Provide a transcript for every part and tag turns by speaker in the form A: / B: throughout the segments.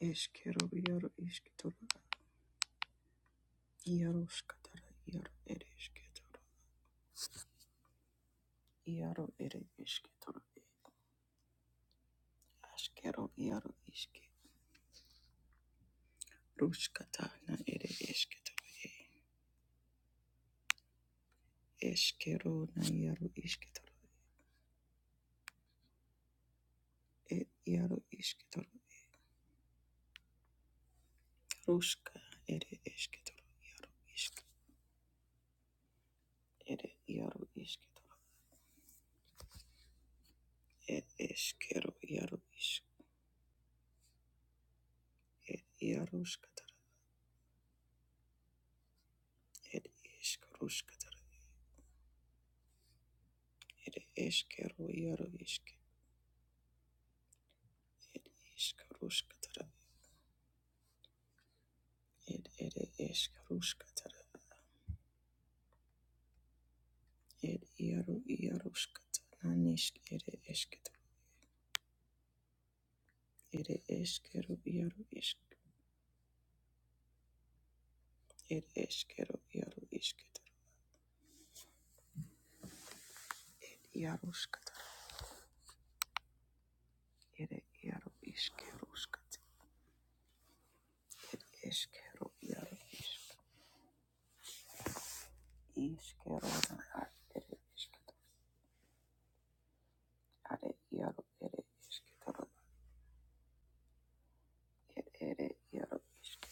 A: Eskero iaro esketoro iaro skatara iaro ere esketoro iaro ere esketoro askero iaro iske ruskata na ere esketoro e eskero na iaro esketoro e iaro esketoro ruska ere esketoro iaro iske ere iaro esketoro e eskero iaro iske e iaro skatara ere esk ruskatara ere eskero iaro iske Ed iskaruskatara Ed ere esk ruskatara. Ed iaru iaruskata. Nanisk ere esket. Ere eskeru iaru isk. Ed eskeru iaru isket. Ed iaruskata. Ere iaru iskeruskat. Ed eskeru iaru isk. Iskeru ar ere isket. Are iaru ere isketara. Ed ere iaru isk.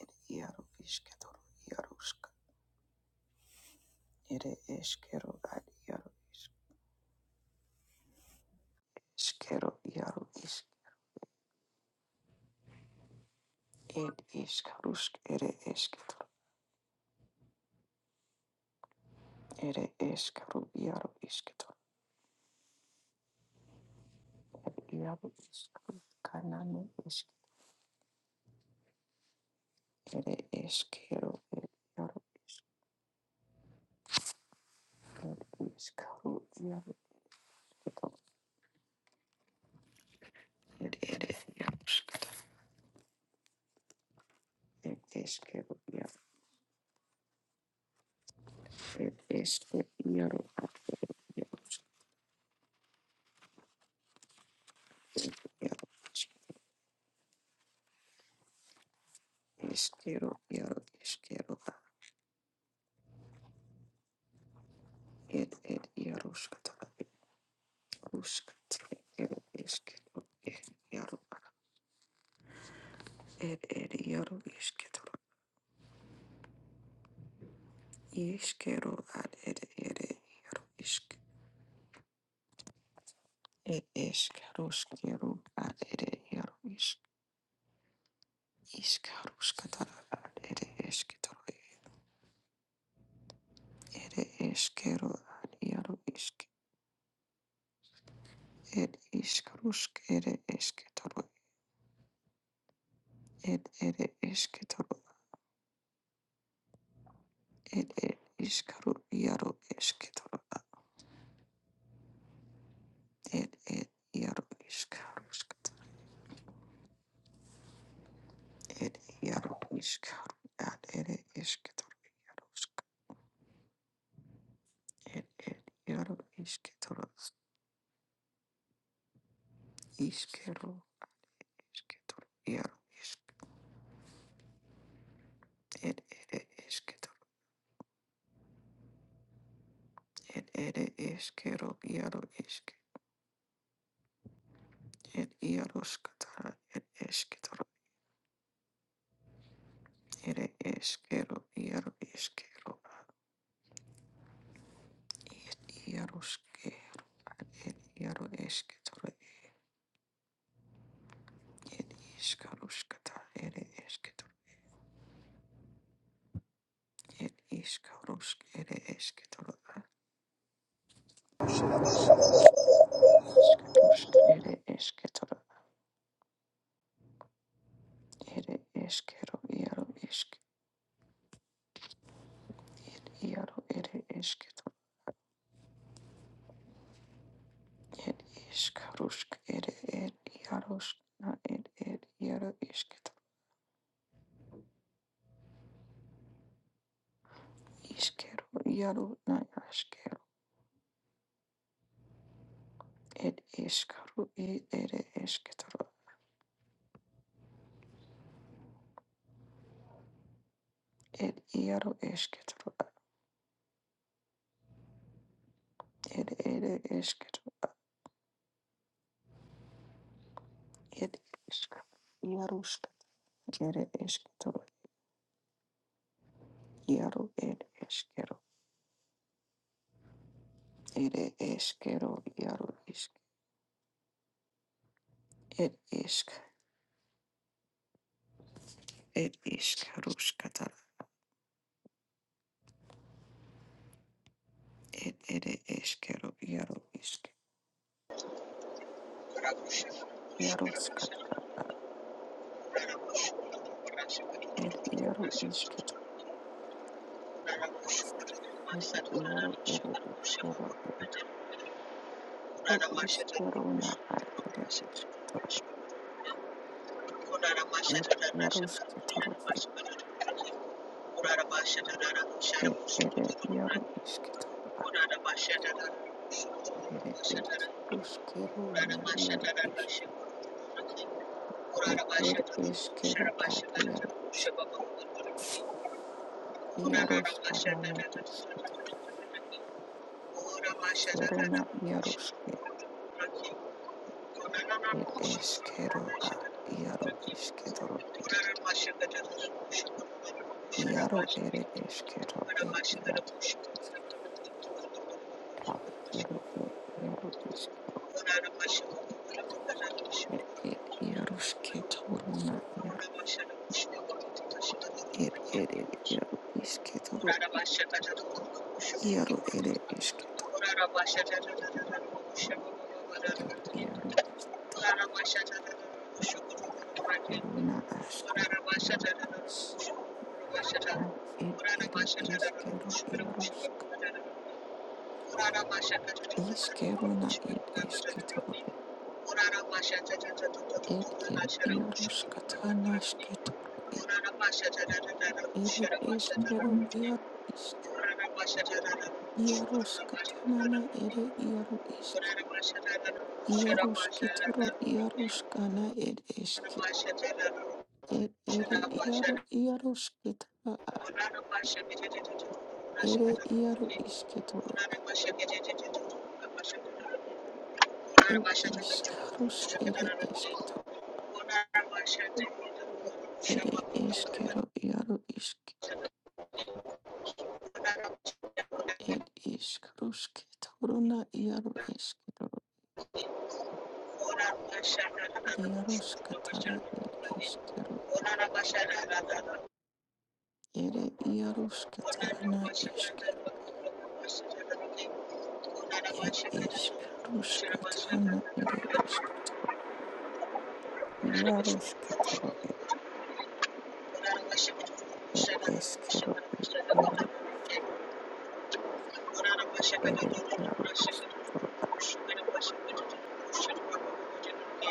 A: Ed iaru isketara. Iaruska. Ere eskeru ar iaru isk. Skero iaru isk. It is Karusk, it is Ketor, it is Karu, Yaru is Ketor, Yaru is Karu, Kananu is it is Kero, it Yaru is it is Karu, Yaru Ketor, it it is Yarusk, it is Kero, Yaru, it is Yaru, Yarusk, it Yaru is Kero, Yaru is Kero, it it Yarusk, Rusk, it is Kero, Yaru. Ed ed yaro isketoro iskero ad ed ed yaro isk ed iskaroskero ad ed yaro isk iskaroskatara ad ed isketoro ed iskero ad yaro isk ed iskarosk ed isketoro ed ed isketoro ed ed iskaro yaro isketoro ed ed yaro iskaroskatara ed yaro iskaro ad ed isketoro er er iaro isketoro iskero isketoro iaro isk er ere isketoro er ere iskero iaro isk er iaro skatara er isketoro ere iskero iaro iskero er iaro skero er iaro isketoro er iskaro skatara ere isketoro er iskaro ere isketoro iskarosk ere isketoro Ere eskero iaro esk iaro ere esketo ed iskarusk ere ed iarusk na ed ed iaro esketo iskero iaro na askero ed iskaru i ere esketoro ed iaro esketoro ed ere esketo ed isk iarusk ere esketoro iaro ed eskero ere eskero iaro isk ed isk ed iskarusk katar Ed ere eskero iaro isk iaro skatara ed iaro isketo ed iaro ere eskero iaro iskero na ad ere esketoro ed iaro sketoro ed ed ere iaro isketoro ad ere iskero na iaro isk ed ed eskero ad iaro isk iaro skanana isketo ere na iaro ske ed eskero a iaro isketoro Iaro ere eskero e iaro ta iaro e iaro iskero er e iaro sketoro na iaro er ere iaro isketoro iaro ere esketo er iaro iskero na askero iaro is ta er ere eskero iaro sk iskero na er esketoro e er e iaro skatana sketoro e ere eskero iaro Iaroskatanana ere iaro iske. Iarosketoro iaroskana ed eske. Ed ere iaro iarosketana a ere iaro isketoro a ed iskarusk ere esketo. Ere eskero iaro iske. Ed iskarusketoro iaro esketoro. Iaroskatara ed eskero ed ere iarosketana eskero. It is Karuskatana, it is Yaruskatoro, it is Kero, it Yaro is Ere Yaro is Ketoro,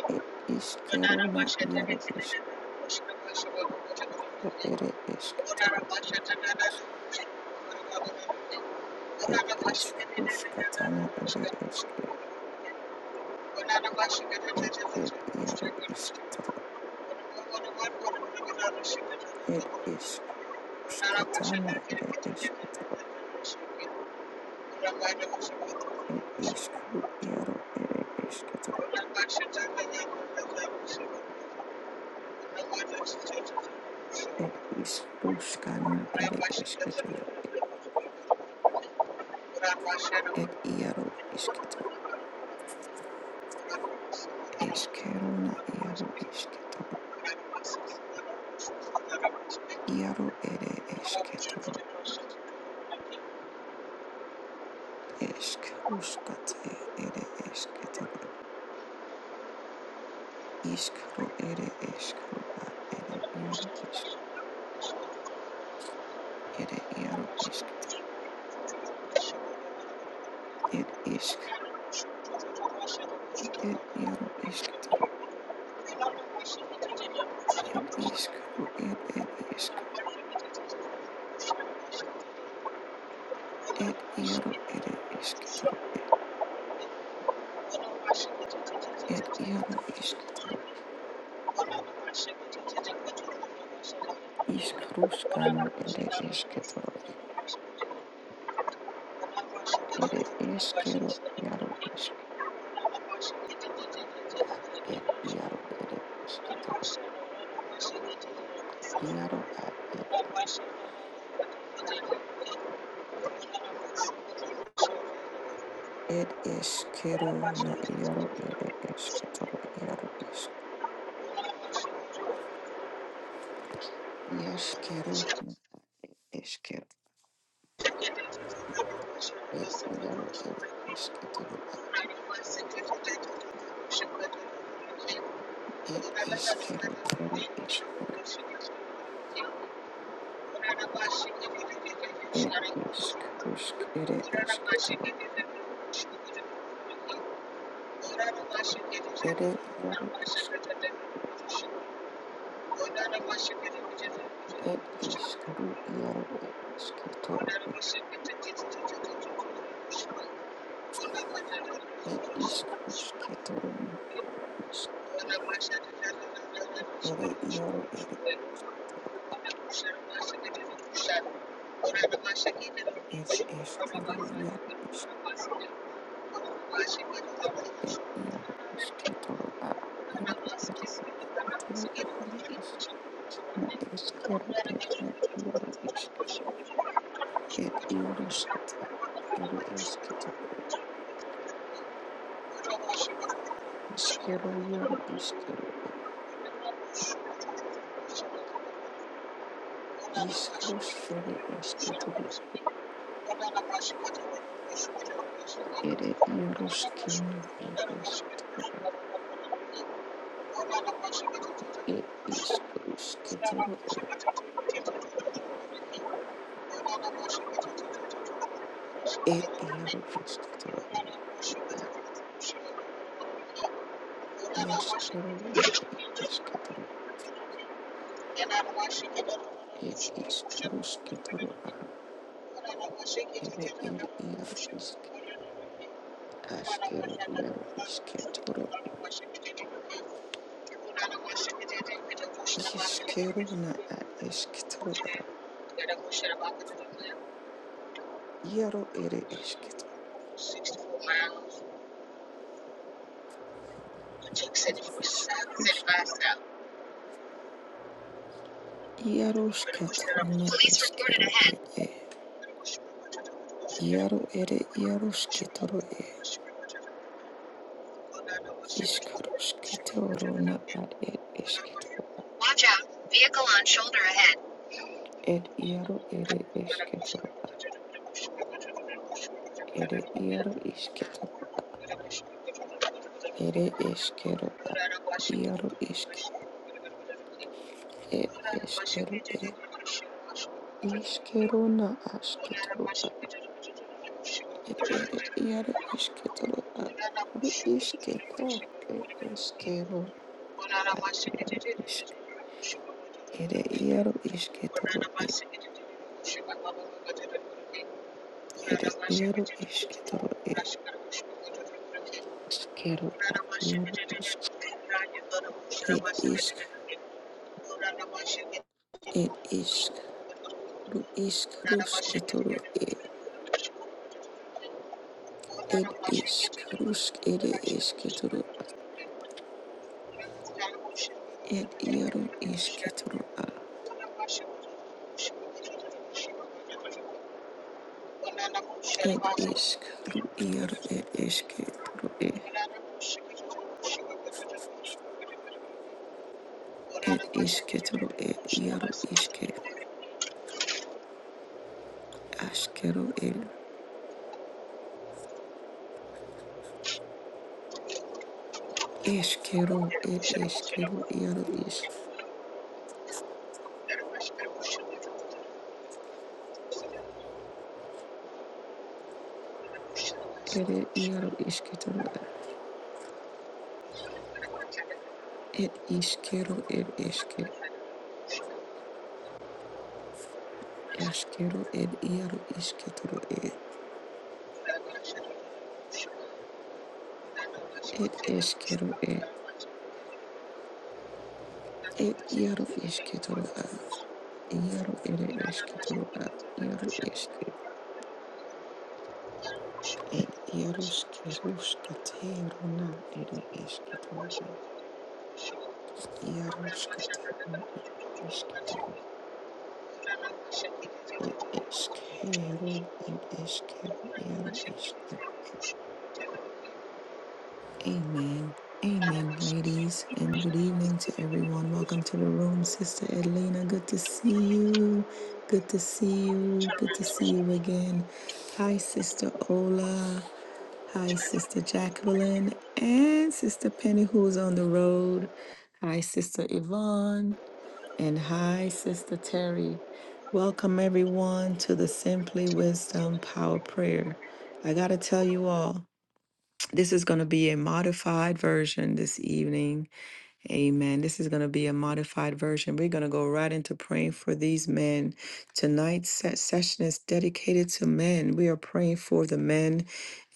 A: it is Kerona, Yaro is Kero, It is is Ketoro, it is Karuskatana, it is Ke, it it Yaro is Ketoro, it is Karuskatana, it is Ketoro, it is Karu Yaro, it is Ed iskruskana ere esketor, ed iaro isketor, eskerona iaro isketor, iaro ere esketor, eskruskate ere esketor, iskaro ere eskaro ad ere iaro isk, ere iaro isketor, ed isk, ed iaro isketor, ed iskaro ed ed isk, ed iaro ere esketor, ed iaro isketor. Ishkarushkana ere esketoro ere eskero iaro isk ed iaro ere esketoro iaro ad ed ed eskero na iaro ere esketoro iaro isk iaskero na eskero ed iaro ere esketoro ed eskero iaro iskero ed iskarusk ere esketoro ere iaro isk ed iskaru iaro ere esketoro It is Kusketoro, Ere Yaro, Ere Isketoro, Es Eskero, Yaro, Isk, Ere Yaro, Isketoro, A, Yaro, Ere Isketoro, Yaro, Isk, Na Eskero, Ere Yaro, Isk, Ere Yaro, Skata, Ere Esketoro, Iskero, Yaro, Iskero, Ere Iskrus, Ere Esketoro, Ere Yaro, Skena, Ere Esketoro, A, It is Krus Ed iaro isketoro er iaskero na ed isketoro ed iskarusketoro a ere er iaro isk askero iaro isketoro iskero na ad isketoro a iaro ere isketoro ed iskarusk iaro skatana eskero ed e iaro ere iaro sketoro e iskarusketoro na ad ed isketoro
B: Watch out. Vehicle on shoulder ahead.
A: Ed iaro ere esketoro a ere iaro isketoro ere eskero a iaro iske ed eskero e iskero na asketoro a ed ere iaro isketoro a ru isketo ed eskero ad iaro isk ere iaro isketoro e ere iaro isketoro e eskero ad iaro isk ed isk ed isk Ru ishk rusk toro ed ed ishk rusk ere ishk toro ed iaro ishk toro a ed ishk ru iaro ed ishk toro e ed ishk toro ed iaro ishk ashkero ed eshkero ed eshkero iaro ish ere iaro ishk toro a ed ishkero ed eshke ashkero ed iaro ishk toro e ed eshkero e ed iaro ishk toro a Iaro ere eskitoro a iaro eske et iaroske ruska runa ere eskitoro e iaroska eskitoro et eskero et eskero iaro eskero. Amen. Amen, ladies, and good evening to everyone. Welcome to the room, Sister Edlina. Good to see you. Good to see you. Good to see you again. Hi, Sister Ola. Hi, Sister Jacqueline and Sister Penny, who's on the road. Hi, Sister Yvonne. And hi, Sister Terry. Welcome, everyone, to the Simply Wisdom Power Prayer. I got to tell you all, this is going to be a modified version this evening Amen. This is going to be a modified version. We're going to go right into praying for these men. Tonight's se- session is dedicated to men. We are praying for the men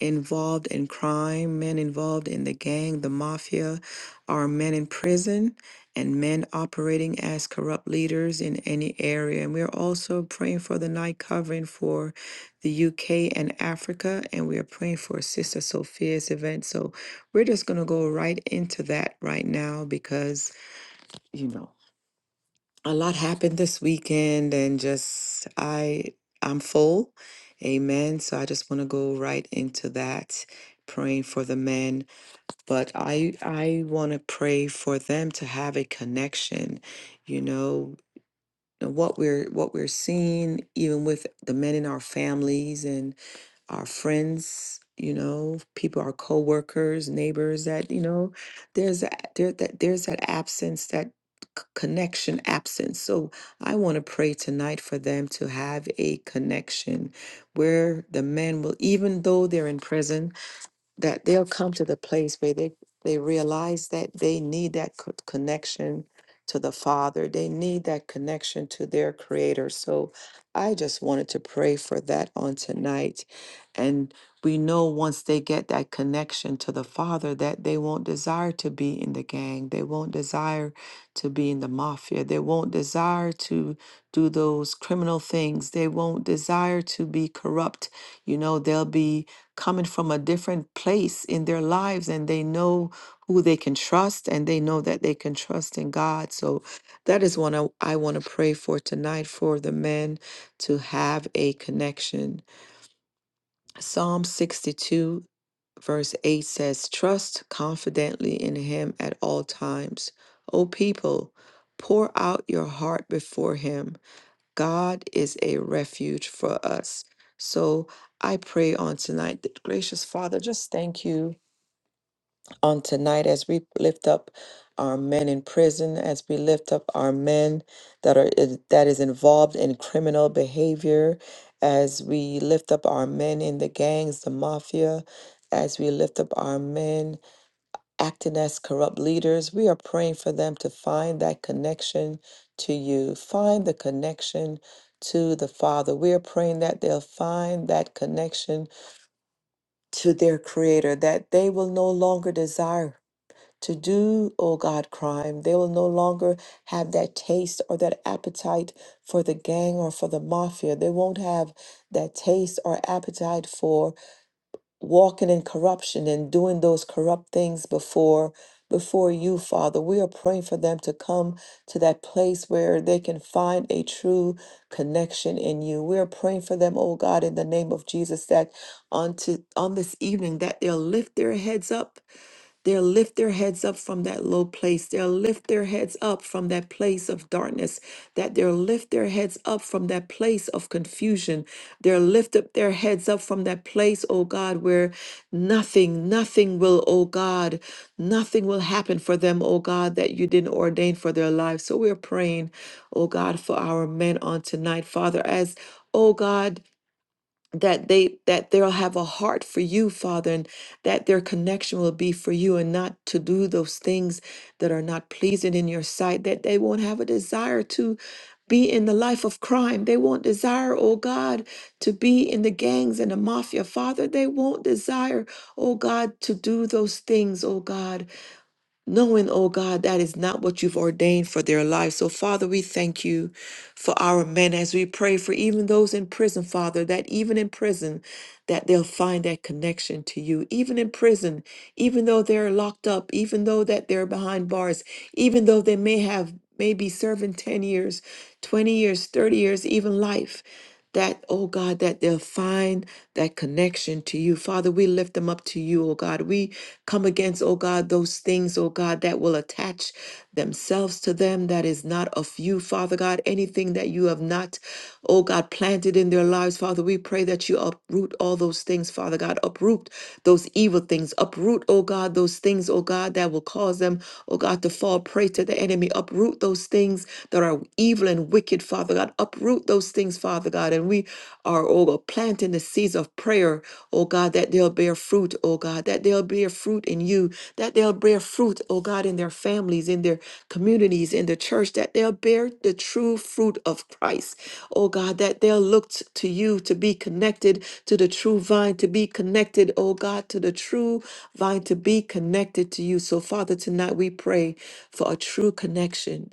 A: involved in crime, men involved in the gang, the mafia, our men in prison, and men operating as corrupt leaders in any area. And we are also praying for the night covering for the UK and Africa. And we are praying for Sister Sophia's event. So we're just going to go right into that right now because, you know, a lot happened this weekend and just I I'm full. Amen. So I just want to go right into that praying for the men, but I I want to pray for them to have a connection, you know, what we're what we're seeing even with the men in our families and our friends, you know, people, our coworkers, neighbors. That you know, there's that there that there's that absence, that c- connection absence. So I want to pray tonight for them to have a connection where the men will, even though they're in prison that they'll come to the place where they they realize that they need that co- connection to the father they need that connection to their creator so i just wanted to pray for that on tonight and we know once they get that connection to the father that they won't desire to be in the gang they won't desire to be in the mafia they won't desire to do those criminal things they won't desire to be corrupt you know they'll be coming from a different place in their lives and they know who they can trust and they know that they can trust in God. So that is one I, I want to pray for tonight for the men to have a connection. Psalm 62, verse 8 says, Trust confidently in him at all times. O people, pour out your heart before him God is a refuge for us. So I pray on tonight that gracious Father, just thank you on tonight as we lift up our men in prison, as we lift up our men that are is- that is involved in criminal behavior, as we lift up our men in the gangs, the mafia, as we lift up our men acting as corrupt leaders. We are praying for them to find that connection to you, find the connection to the Father. We are praying that they'll find that connection to their Creator, that they will no longer desire. To do, oh God, crime. They will no longer have that taste or that appetite for the gang or for the mafia. They won't have that taste or appetite for walking in corruption and doing those corrupt things before before you father we are praying for them to come to that place where they can find a true connection in you we are praying for them oh god in the name of jesus that on to on this evening that they'll lift their heads up They'll lift their heads up from that low place. They'll lift their heads up from that place of darkness. That they'll lift their heads up from that place of confusion. They'll lift up their heads up from that place, oh God, where nothing, nothing will, oh God, nothing will happen for them, oh God, that you didn't ordain for their lives. So we're praying, oh God, for our men on tonight, Father, as Oh God, that they that they'll have a heart for you father and that their connection will be for you and not to do those things that are not pleasing in your sight that they won't have a desire to be in the life of crime they won't desire oh god to be in the gangs and the mafia father they won't desire oh god to do those things oh god knowing, oh God, that is not what you've ordained for their lives. So, Father, we thank you for our men as we pray for even those in prison, Father, that even in prison, that they'll find that connection to you. Even in prison, even though they're locked up, even though that they're behind bars, even though they may have maybe serving 10 years, 20 years, 30 years, even life that, oh God, that they'll find that connection to you. Father, we lift them up to you, oh God. We come against, oh God, those things, oh God, that will attach themselves to them that is not of you, Father God. Anything that you have not, oh God, planted in their lives, Father, we pray that you uproot all those things, Father God. Uproot those evil things. Uproot, oh God, those things, oh God, that will cause them, oh God, to fall prey to the enemy. Uproot those things that are evil and wicked wicked, Father God. Uproot those things, Father God. And we are, oh God, planting the seeds of prayer, oh God, that they'll bear fruit, oh God, that they'll bear fruit in you, that they'll bear fruit, oh God, in their families, in their communities, in the church, that they'll bear the true fruit of Christ, oh God, that they'll look t- to you to be connected to the true vine, to be connected, oh God, to the true vine, to be connected to you. So, Father, tonight we pray for a true connection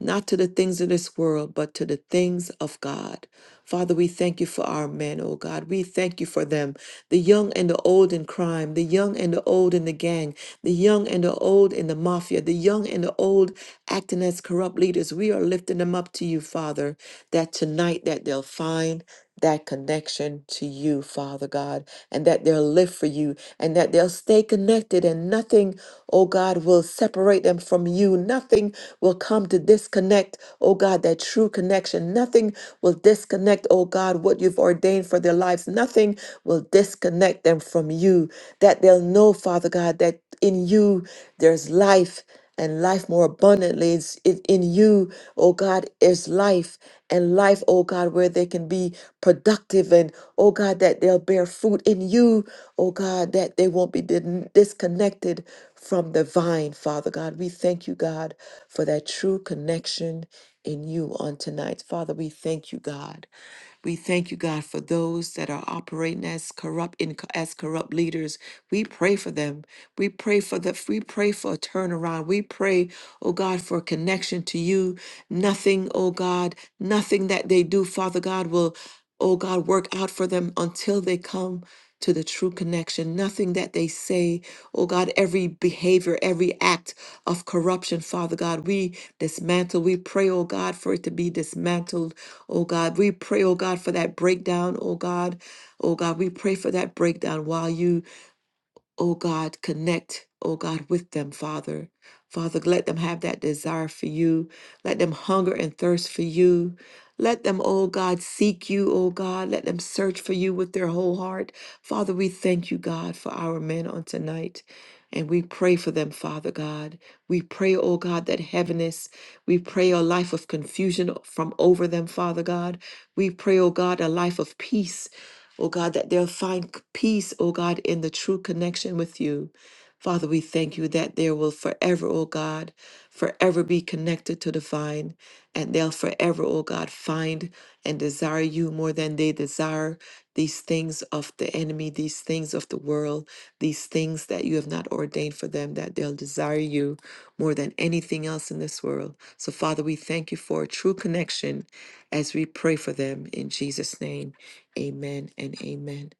A: not to the things of this world, but to the things of God. Father, we thank you for our men, oh God. We thank you for them, the young and the old in crime, the young and the old in the gang, the young and the old in the mafia, the young and the old acting as corrupt leaders. We are lifting them up to you, Father, that tonight that they'll find that connection to you, Father God, and that they'll live for you and that they'll stay connected and nothing, oh God, will separate them from you. Nothing will come to disconnect, oh God, that true connection. Nothing will disconnect, oh God, what you've ordained for their lives. Nothing will disconnect them from you. That they'll know, Father God, that in you there's life and life more abundantly. It's it, in you, oh God, is life and life, oh God, where they can be productive and oh God, that they'll bear fruit in you, oh God, that they won't be dis- disconnected from the vine, Father God. We thank you, God, for that true connection in you on tonight. Father, we thank you, God. We thank you, God, for those that are operating as corrupt in, as corrupt leaders. We pray for them. We pray for the we pray for a turnaround. We pray, oh God, for a connection to you. Nothing, oh God, nothing that they do, Father God, will oh God, work out for them until they come to the true connection. Nothing that they say, oh God, every behavior, every act of corruption, Father God, we dismantle. We pray, oh God, for it to be dismantled, oh God. We pray, oh God, for that breakdown, oh God. Oh God, we pray for that breakdown while you oh God, connect, oh God, with them, Father. Father, let them have that desire for you. Let them hunger and thirst for you. Let them, oh God, seek you, oh God. Let them search for you with their whole heart. Father, we thank you, God, for our men on tonight. And we pray for them, Father God. We pray, oh God, that heaviness, we pray a life of confusion from over them, Father God. We pray, oh God, a life of peace oh God, that they'll find peace, oh God, in the true connection with you. Father, we thank you that there will forever, oh God, forever be connected to the vine, and they'll forever, oh God, find and desire you more than they desire these things of the enemy, these things of the world, these things that you have not ordained for them, that they'll desire you more than anything else in this world. So, Father, we thank you for a true connection as we pray for them in Jesus' name. Amen and amen.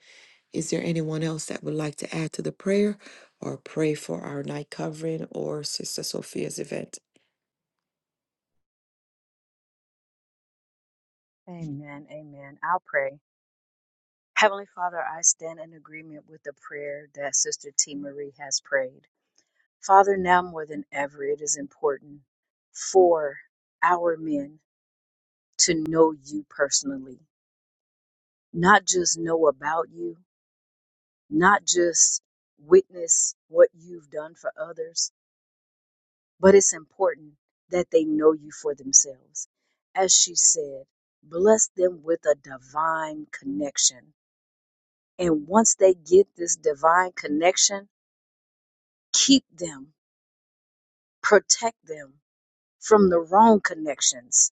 A: Is there anyone else that would like to add to the prayer or pray for our night covering or Sister Sophia's event?
C: Amen. Amen. I'll pray. Heavenly Father, I stand in agreement with the prayer that Sister T. Marie has prayed. Father, now more than ever, it is important for our men to know you personally, not just know about you, not just witness what you've done for others, but it's important that they know you for themselves. As she said, bless them with a divine connection And once they get this divine connection, keep them, protect them from the wrong connections.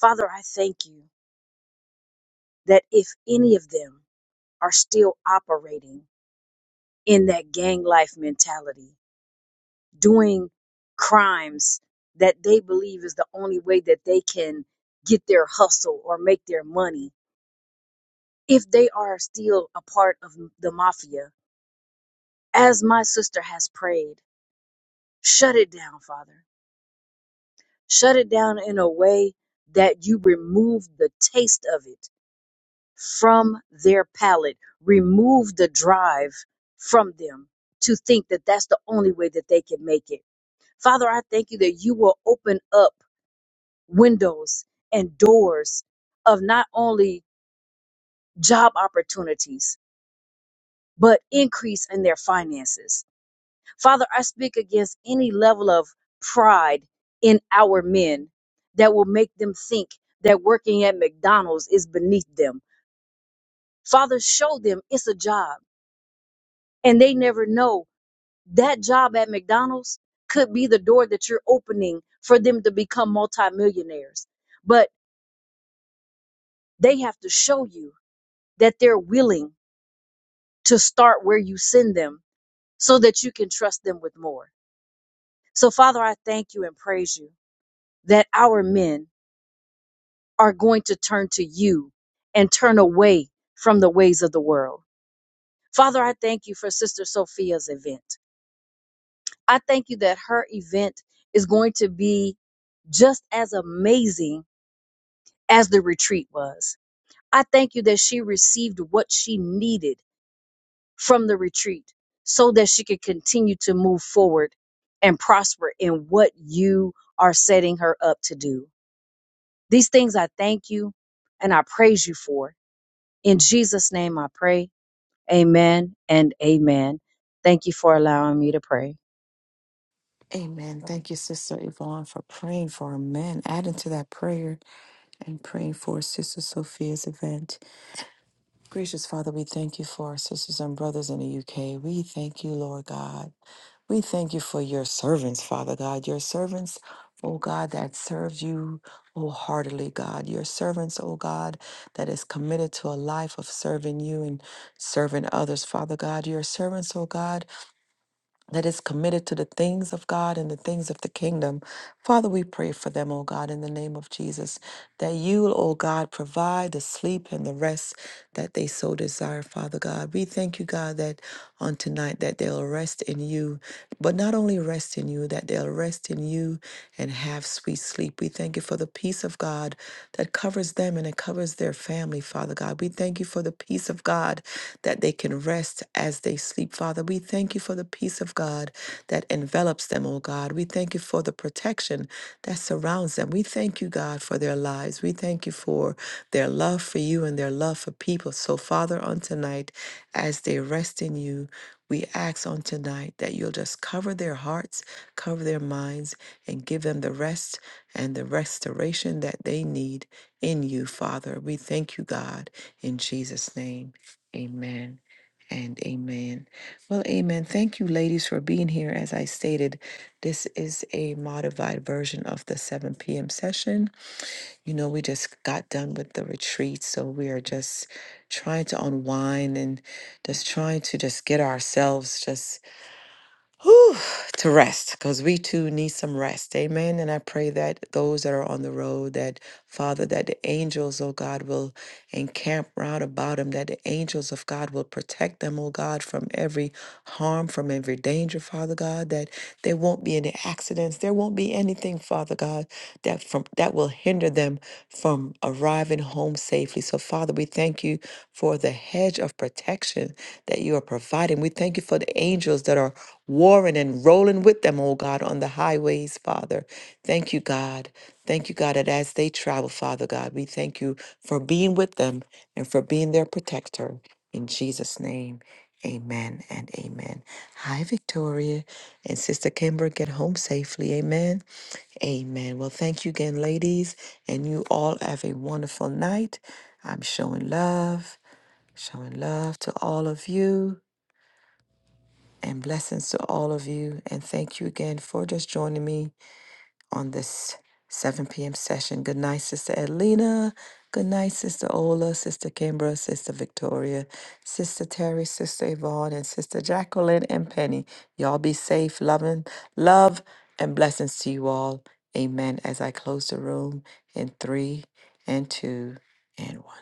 C: Father, I thank you that if any of them are still operating in that gang life mentality, doing crimes that they believe is the only way that they can get their hustle or make their money, if they are still a part of the mafia, as my sister has prayed, shut it down, Father Shut it down in a way that you remove the taste of it from their palate. Remove the drive from them to think that that's the only way that they can make it. Father, I thank you that you will open up windows and doors of not only job opportunities, but increase in their finances. Father, I speak against any level of pride in our men that will make them think that working at McDonald's is beneath them. Father, show them it's a job and they never know that job at McDonald's could be the door that you're opening for them to become multimillionaires. But they have to show you that they're willing to start where you send them so that you can trust them with more. So, Father, I thank you and praise you that our men are going to turn to you and turn away from the ways of the world. Father, I thank you for Sister Sophia's event. I thank you that her event is going to be just as amazing as the retreat was. I thank you that she received what she needed from the retreat so that she could continue to move forward and prosper in what you are setting her up to do. These things I thank you and I praise you for. In Jesus' name I pray. Amen and amen. Thank you for allowing me to pray.
A: Amen. Thank you, Sister Yvonne, for praying for men, adding to that prayer and praying for Sister Sophia's event. Gracious Father, we thank you for our sisters and brothers in the UK. We thank you, Lord God. We thank you for your servants, Father God, your servants, oh God, that serves you wholeheartedly, God, your servants, oh God, that is committed to a life of serving you and serving others, Father God, your servants, oh God that is committed to the things of God and the things of the kingdom. Father, we pray for them, O God, in the name of Jesus, that you, O God, provide the sleep and the rest that they so desire, Father God. We thank you, God, that on tonight that they'll rest in you, but not only rest in you, that they'll rest in you and have sweet sleep. We thank you for the peace of God that covers them and it covers their family, Father God. We thank you for the peace of God that they can rest as they sleep, Father. We thank you for the peace of God that envelops them, oh God. We thank you for the protection that surrounds them. We thank you, God, for their lives. We. We thank you for their love for you and their love for people. So, Father, on tonight, as they rest in you, we ask on tonight that you'll just cover their hearts, cover their minds, and give them the rest and the restoration that they need in you, Father. We thank you, God, in Jesus' name. Amen and amen. Well, amen. Thank you, ladies, for being here. As I stated, this is a modified version of the 7 p.m. session. You know, we just got done with the retreat, so we are just trying to unwind and just trying to just get ourselves just whew, to rest because we too need some rest. Amen. And I pray that those that are on the road, that Father, that the angels, oh God, will encamp round about them, that the angels of God will protect them, oh God, from every harm, from every danger, Father God, that there won't be any accidents. There won't be anything, Father God, that from that will hinder them from arriving home safely. So Father, we we thank you for the hedge of protection that you are providing. We thank you for the angels that are warring and rolling with them, oh God, on the highways, Father. Thank you, God. Thank you, God, that as they travel, Father God, we thank you for being with them and for being their protector. In Jesus' name, amen and amen. Hi, Victoria and Sister Kimber, get home safely. Amen. Amen. Well, thank you again, ladies. And you all have a wonderful night. I'm showing love, showing love to all of you, and blessings to all of you. And thank you again for just joining me on this 7 p.m. session. Good night, Sister Edlina. Good night, Sister Ola, Sister Kimbra, Sister Victoria, Sister Terry, Sister Yvonne, and Sister Jacqueline and Penny. Y'all be safe, loving, love, and blessings to you all. Amen. As I close the room in three and two and one.